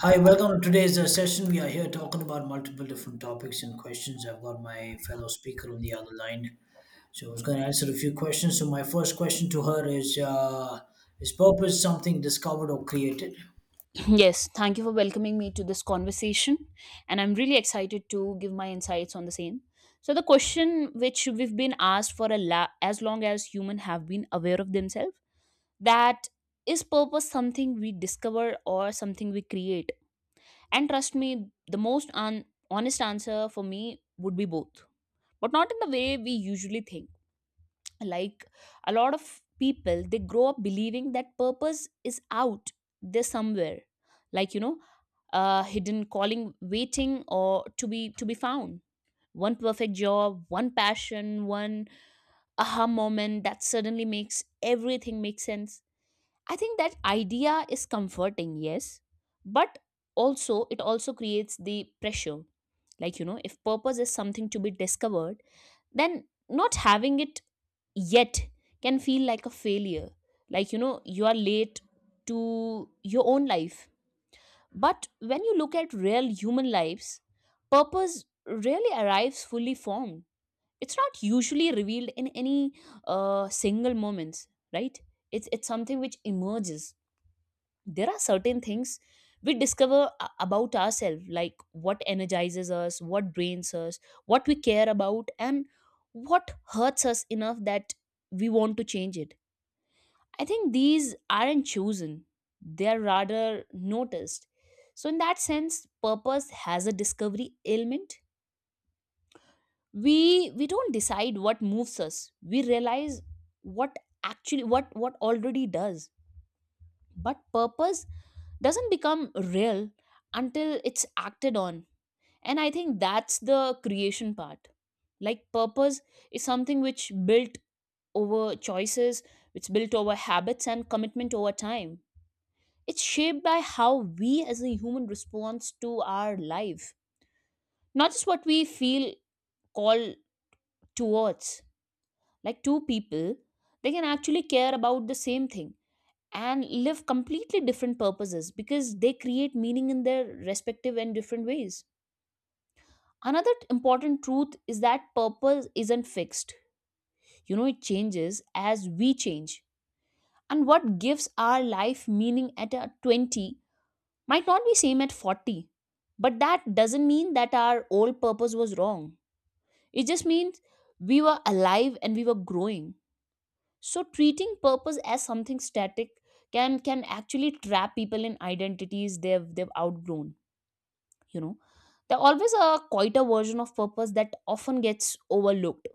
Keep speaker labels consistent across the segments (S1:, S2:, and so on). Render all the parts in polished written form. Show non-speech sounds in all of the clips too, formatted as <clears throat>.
S1: Hi, welcome to today's session. We are here talking about multiple different topics and questions. I've got my fellow speaker on the other line, so I was going to answer a few questions. So my first question to her is purpose something discovered or created?
S2: Yes, thank you for welcoming me to this conversation, and I'm really excited to give my insights on the same. So, the question which we've been asked for as long as humans have been aware of themselves that is purpose something we discover or something we create? And trust me, the most honest answer for me would be both, but not in the way we usually think, like a lot of people, they grow up believing that purpose is out there somewhere, like you know hidden calling waiting or to be found. One perfect job, one passion, one aha moment that suddenly makes everything make sense. I think that idea is comforting, yes, but also it also creates the pressure. If purpose is something to be discovered, then not having it yet can feel like a failure, you are late to your own life. But when you look at real human lives, purpose rarely arrives fully formed. It's not usually revealed in any single moments, right? It's something which emerges. There are certain things we discover about ourselves, like what energizes us, what drains us, what we care about, and what hurts us enough that we want to change it. I think these aren't chosen, they're rather noticed. So, in that sense, purpose has a discovery element. We don't decide what moves us. We realize what actually what already does. But purpose doesn't become real until it's acted on. And I think that's the creation part. Like purpose is something which built over choices, it's built over habits and commitment over time. It's shaped by how we as a human responds to our life, not just what we feel called towards. Like two people, they can actually care about the same thing and live completely different purposes because they create meaning in their respective and different ways. Another important truth is that purpose isn't fixed. You know, it changes as we change, and what gives our life meaning at a 20 might not be same at 40, but that doesn't mean that our old purpose was wrong. It just means we were alive and we were growing. So treating purpose as something static can actually trap people in identities they've outgrown. You know, there's always a quieter version of purpose that often gets overlooked,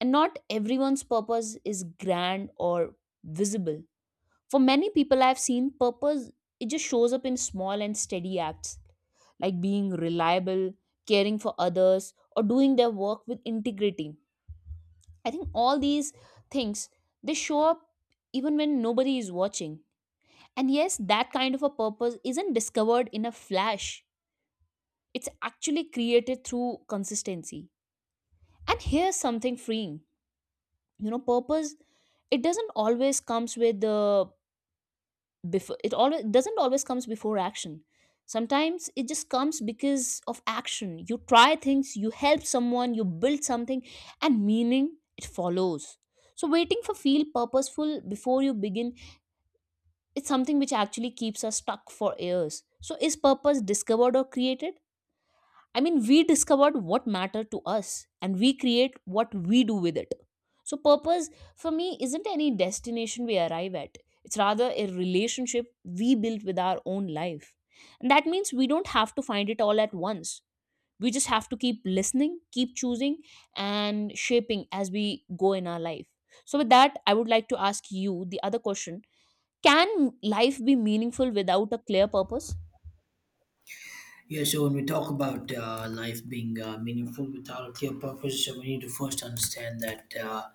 S2: and not everyone's purpose is grand or visible. For many people, I've seen purpose, it just shows up in small and steady acts, like being reliable, caring for others, or doing their work with integrity. I think all these things, they show up even when nobody is watching. And yes, that kind of a purpose isn't discovered in a flash. It's actually created through consistency. And here's something freeing. You know, purpose, it doesn't always comes with the before it always doesn't always comes before action. Sometimes it just comes because of action. You try things, you help someone, you build something, and meaning, it follows. So waiting for feel purposeful before you begin, it's something which actually keeps us stuck for years. So is purpose discovered or created? I mean, we discovered what mattered to us and we create what we do with it. So, purpose for me isn't any destination we arrive at, it's rather a relationship we build with our own life. And that means we don't have to find it all at once. We just have to keep listening, keep choosing, and shaping as we go in our life. So, with that, I would like to ask you the other question: can life be meaningful without a clear purpose?
S1: Yeah. So when we talk about life being meaningful without a clear purpose, so we need to first understand that uh,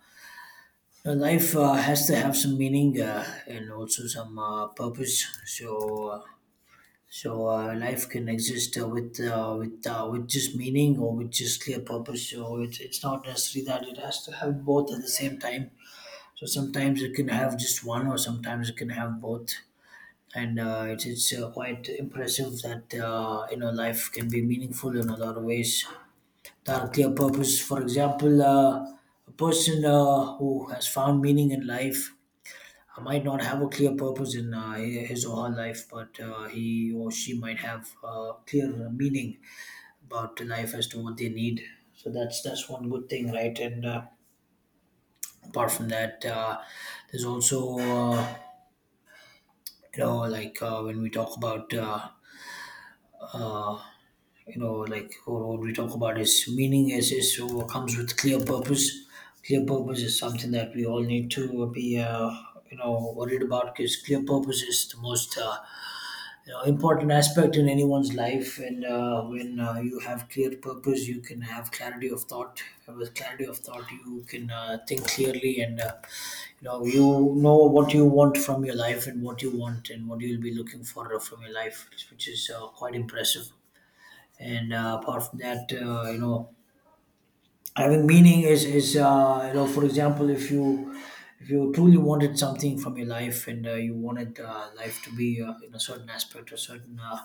S1: uh, life has to have some meaning and also some purpose. So life can exist with just meaning or with just clear purpose. So it's not necessary that it has to have both at the same time. So sometimes it can have just one, or sometimes it can have both. And it's quite impressive that you know life can be meaningful in a lot of ways. That clear purpose. For example, a person who has found meaning in life might not have a clear purpose in his or her life, but he or she might have clear meaning about life as to what they need. So that's one good thing, right? And apart from that, there's also you know like when we talk about. uh, you know, like what we talk about is meaning is so what comes with clear purpose. Clear purpose is something that we all need to be, you know, worried about because clear purpose is the most you know, important aspect in anyone's life. And when you have clear purpose you can have clarity of thought. With clarity of thought you can think clearly. And you know what you want from your life and what you want and what you'll be looking for from your life, which is quite impressive. And apart from that you know having meaning is, you know, for example, if you truly wanted something from your life and you wanted life to be in a certain aspect or certain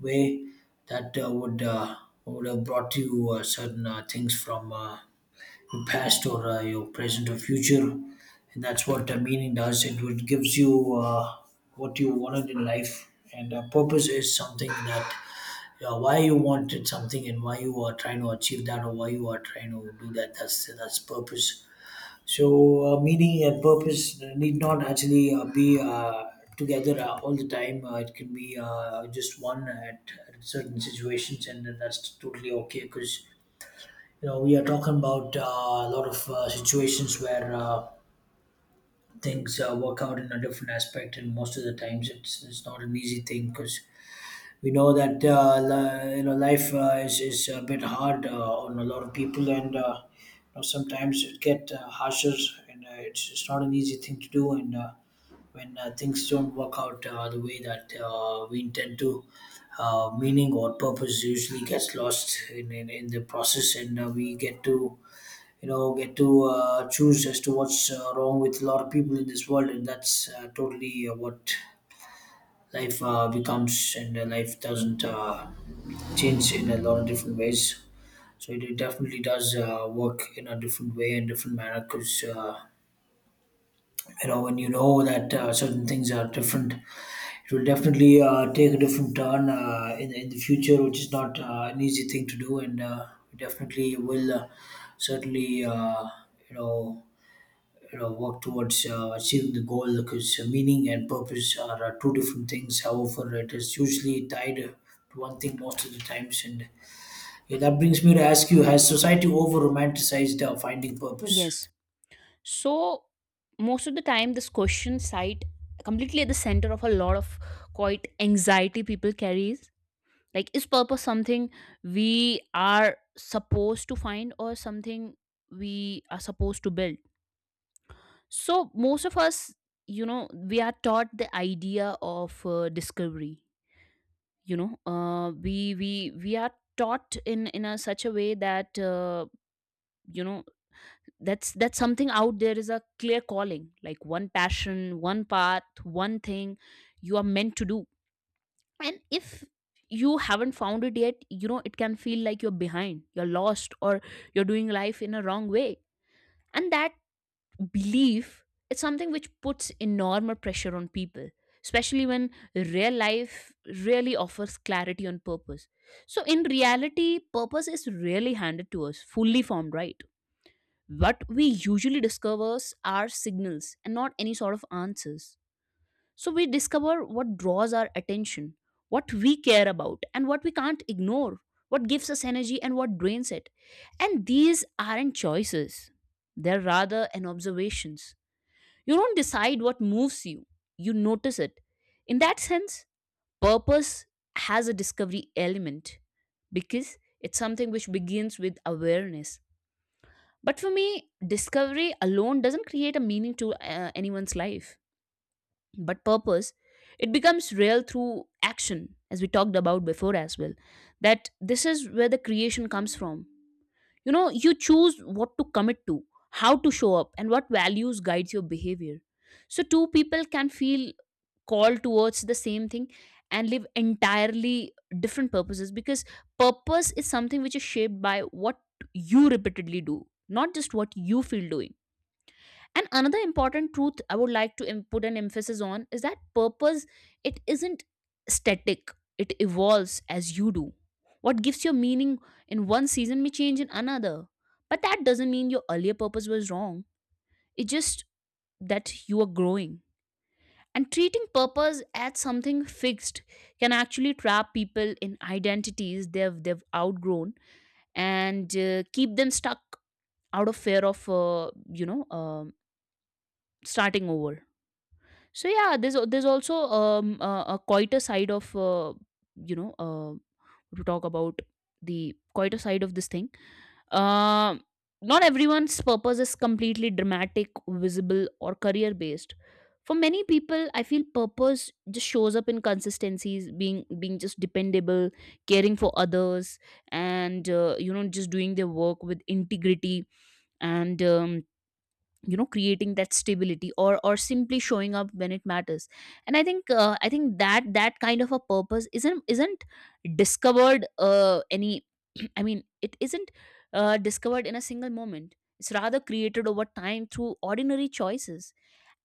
S1: way that would have brought you certain things from your past or your present or future, and that's what meaning does. It would gives you what you wanted in life. And purpose is something that why you wanted something and why you are trying to achieve that or why you are trying to do that, that's purpose. So meaning and purpose need not actually be together all the time. It can be just one at certain situations, and then that's totally okay. Because you know we are talking about a lot of situations where things work out in a different aspect, and most of the times it's not an easy thing because we know that you know life is a bit hard on a lot of people, and you know, sometimes it get harsher, and it's not an easy thing to do. And when things don't work out the way that we intend to, meaning or purpose usually gets lost in the process, and we get to you know get to choose as to what's wrong with a lot of people in this world, and that's totally what life becomes. And life doesn't change in a lot of different ways. So it definitely does work in a different way and different manner. Because you know, when you know that certain things are different, it will definitely take a different turn in the future, which is not an easy thing to do. And definitely will certainly you know, you know work towards achieving the goal, because meaning and purpose are two different things, however it is usually tied to one thing most of the times. And yeah, that brings me to ask you: has society over romanticized finding purpose?
S2: Yes. So most of the time, this question site completely at the center of a lot of quite anxiety people carries. Like, is purpose something we are supposed to find or something we are supposed to build? So most of us, you know, we are taught the idea of discovery. We are taught in a such a way that you know that's something out there is a clear calling, like one passion, one path, one thing you are meant to do. And if you haven't found it yet, you know, it can feel like you're behind, you're lost, or you're doing life in a wrong way. And that belief is something which puts enormous pressure on people, especially when real life really offers clarity on purpose. So in reality, purpose is rarely handed to us fully formed, right? What we usually discovers are signals and not any sort of answers. So we discover what draws our attention, what we care about, and what we can't ignore, what gives us energy and what drains it. And these aren't choices, they're rather an observations. You don't decide what moves you, you notice it. In that sense, purpose has a discovery element because it's something which begins with awareness. But for me, discovery alone doesn't create a meaning to anyone's life, but purpose, it becomes real through action, as we talked about before as well. That this is where the creation comes from. You know, you choose what to commit to, how to show up, and what values guides your behavior. So, two people can feel called towards the same thing and live entirely different purposes because purpose is something which is shaped by what you repeatedly do, not just what you feel doing. And another important truth I would like to put an emphasis on is that purpose, it isn't static, it evolves as you do. What gives your meaning in one season may change in another, but that doesn't mean your earlier purpose was wrong. It's just that you are growing. And treating purpose as something fixed can actually trap people in identities they've outgrown, and keep them stuck out of fear of you know um starting over. So yeah, there's there's also a quieter side of, you know uh, to talk about, the quieter side of this thing. Um, not everyone's purpose is completely dramatic, visible, or career based. For many people, I feel purpose just shows up in consistencies, being just dependable, caring for others, and just doing their work with integrity, and. You know, creating that stability or simply showing up when it matters. And I think that that kind of a purpose isn't discovered any <clears throat> I mean, it isn't discovered in a single moment, it's rather created over time through ordinary choices.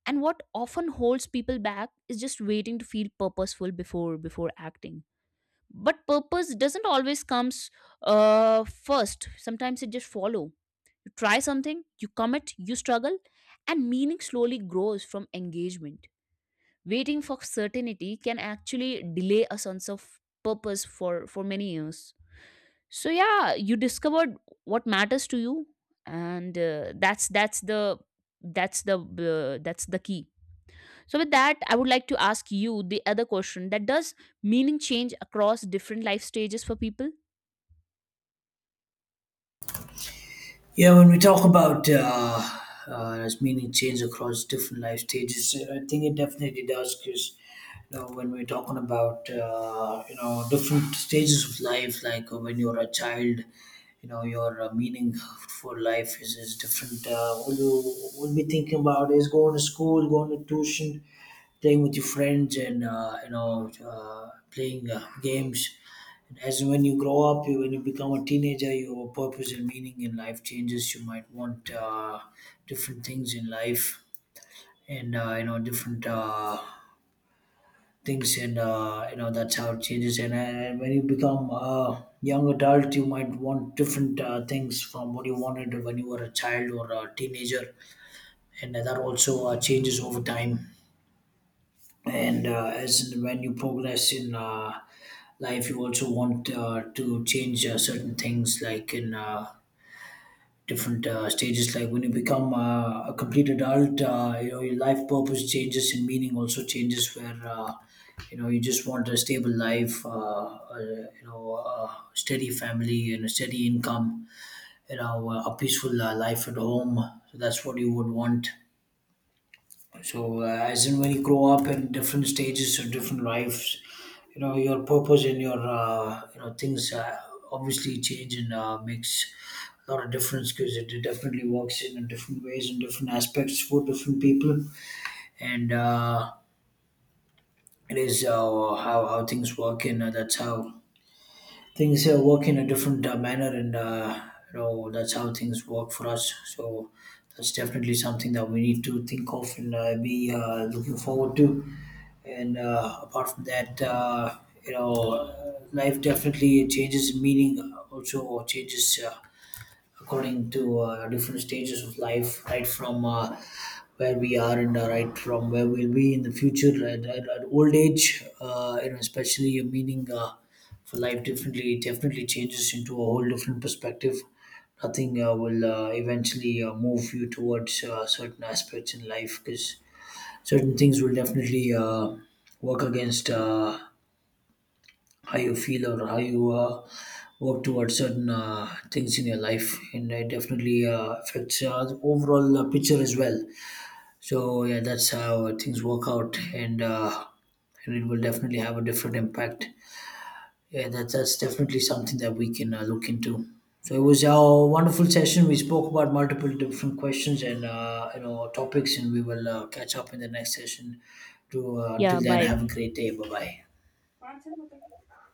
S2: And what often holds people back is just waiting to feel purposeful before acting. But purpose doesn't always comes first, sometimes it just follow. You try something, you commit, you struggle, and meaning slowly grows from engagement. Waiting for certainty can actually delay a sense of purpose for many years. So yeah, you discovered what matters to you, and that's the key. So with that, I would like to ask you the other question: that does meaning change across different life stages for people?
S1: Yeah, when we talk about as meaning change across different life stages, I think it definitely does because you know when we're talking about you know different stages of life, like when you're a child, you know your meaning for life is different. All you will be thinking about is going to school, going to tuition, playing with your friends, and you know playing games. As when you grow up, when you become a teenager, your purpose and meaning in life changes. You might want different things in life, and you know different things, and you know that's how it changes. And when you become a young adult, you might want different things from what you wanted when you were a child or a teenager, and that also changes over time. And as when you progress in life you also want to change certain things, like in different stages, like when you become a complete adult, you know your life purpose changes and meaning also changes, where you know you just want a stable life, you know a steady family and a steady income, you know a peaceful life at home. So that's what you would want. So, as in when you grow up in different stages of different lives, you know your purpose and your you know things obviously change and makes a lot of difference, because it definitely works in different ways and different aspects for different people, and it is how things work. And that's how things work in a different manner. And you know that's how things work for us. So that's definitely something that we need to think of and be looking forward to. And apart from that you know life definitely changes in meaning. Also changes according to different stages of life, right from where we are, and right from where we'll be in the future at old age. You know, especially your meaning for life differently definitely changes into a whole different perspective. Nothing will eventually move you towards certain aspects in life, because certain things will definitely work against how you feel or how you work towards certain things in your life, and it definitely affects the overall picture as well. So yeah, that's how things work out. And and it will definitely have a different impact. Yeah, that's definitely something that we can look into. So it was a wonderful session. We spoke about multiple different questions and you know topics, and we will catch up in the next session. To
S2: Yeah,
S1: Until then,
S2: bye.
S1: have a great day. Bye bye.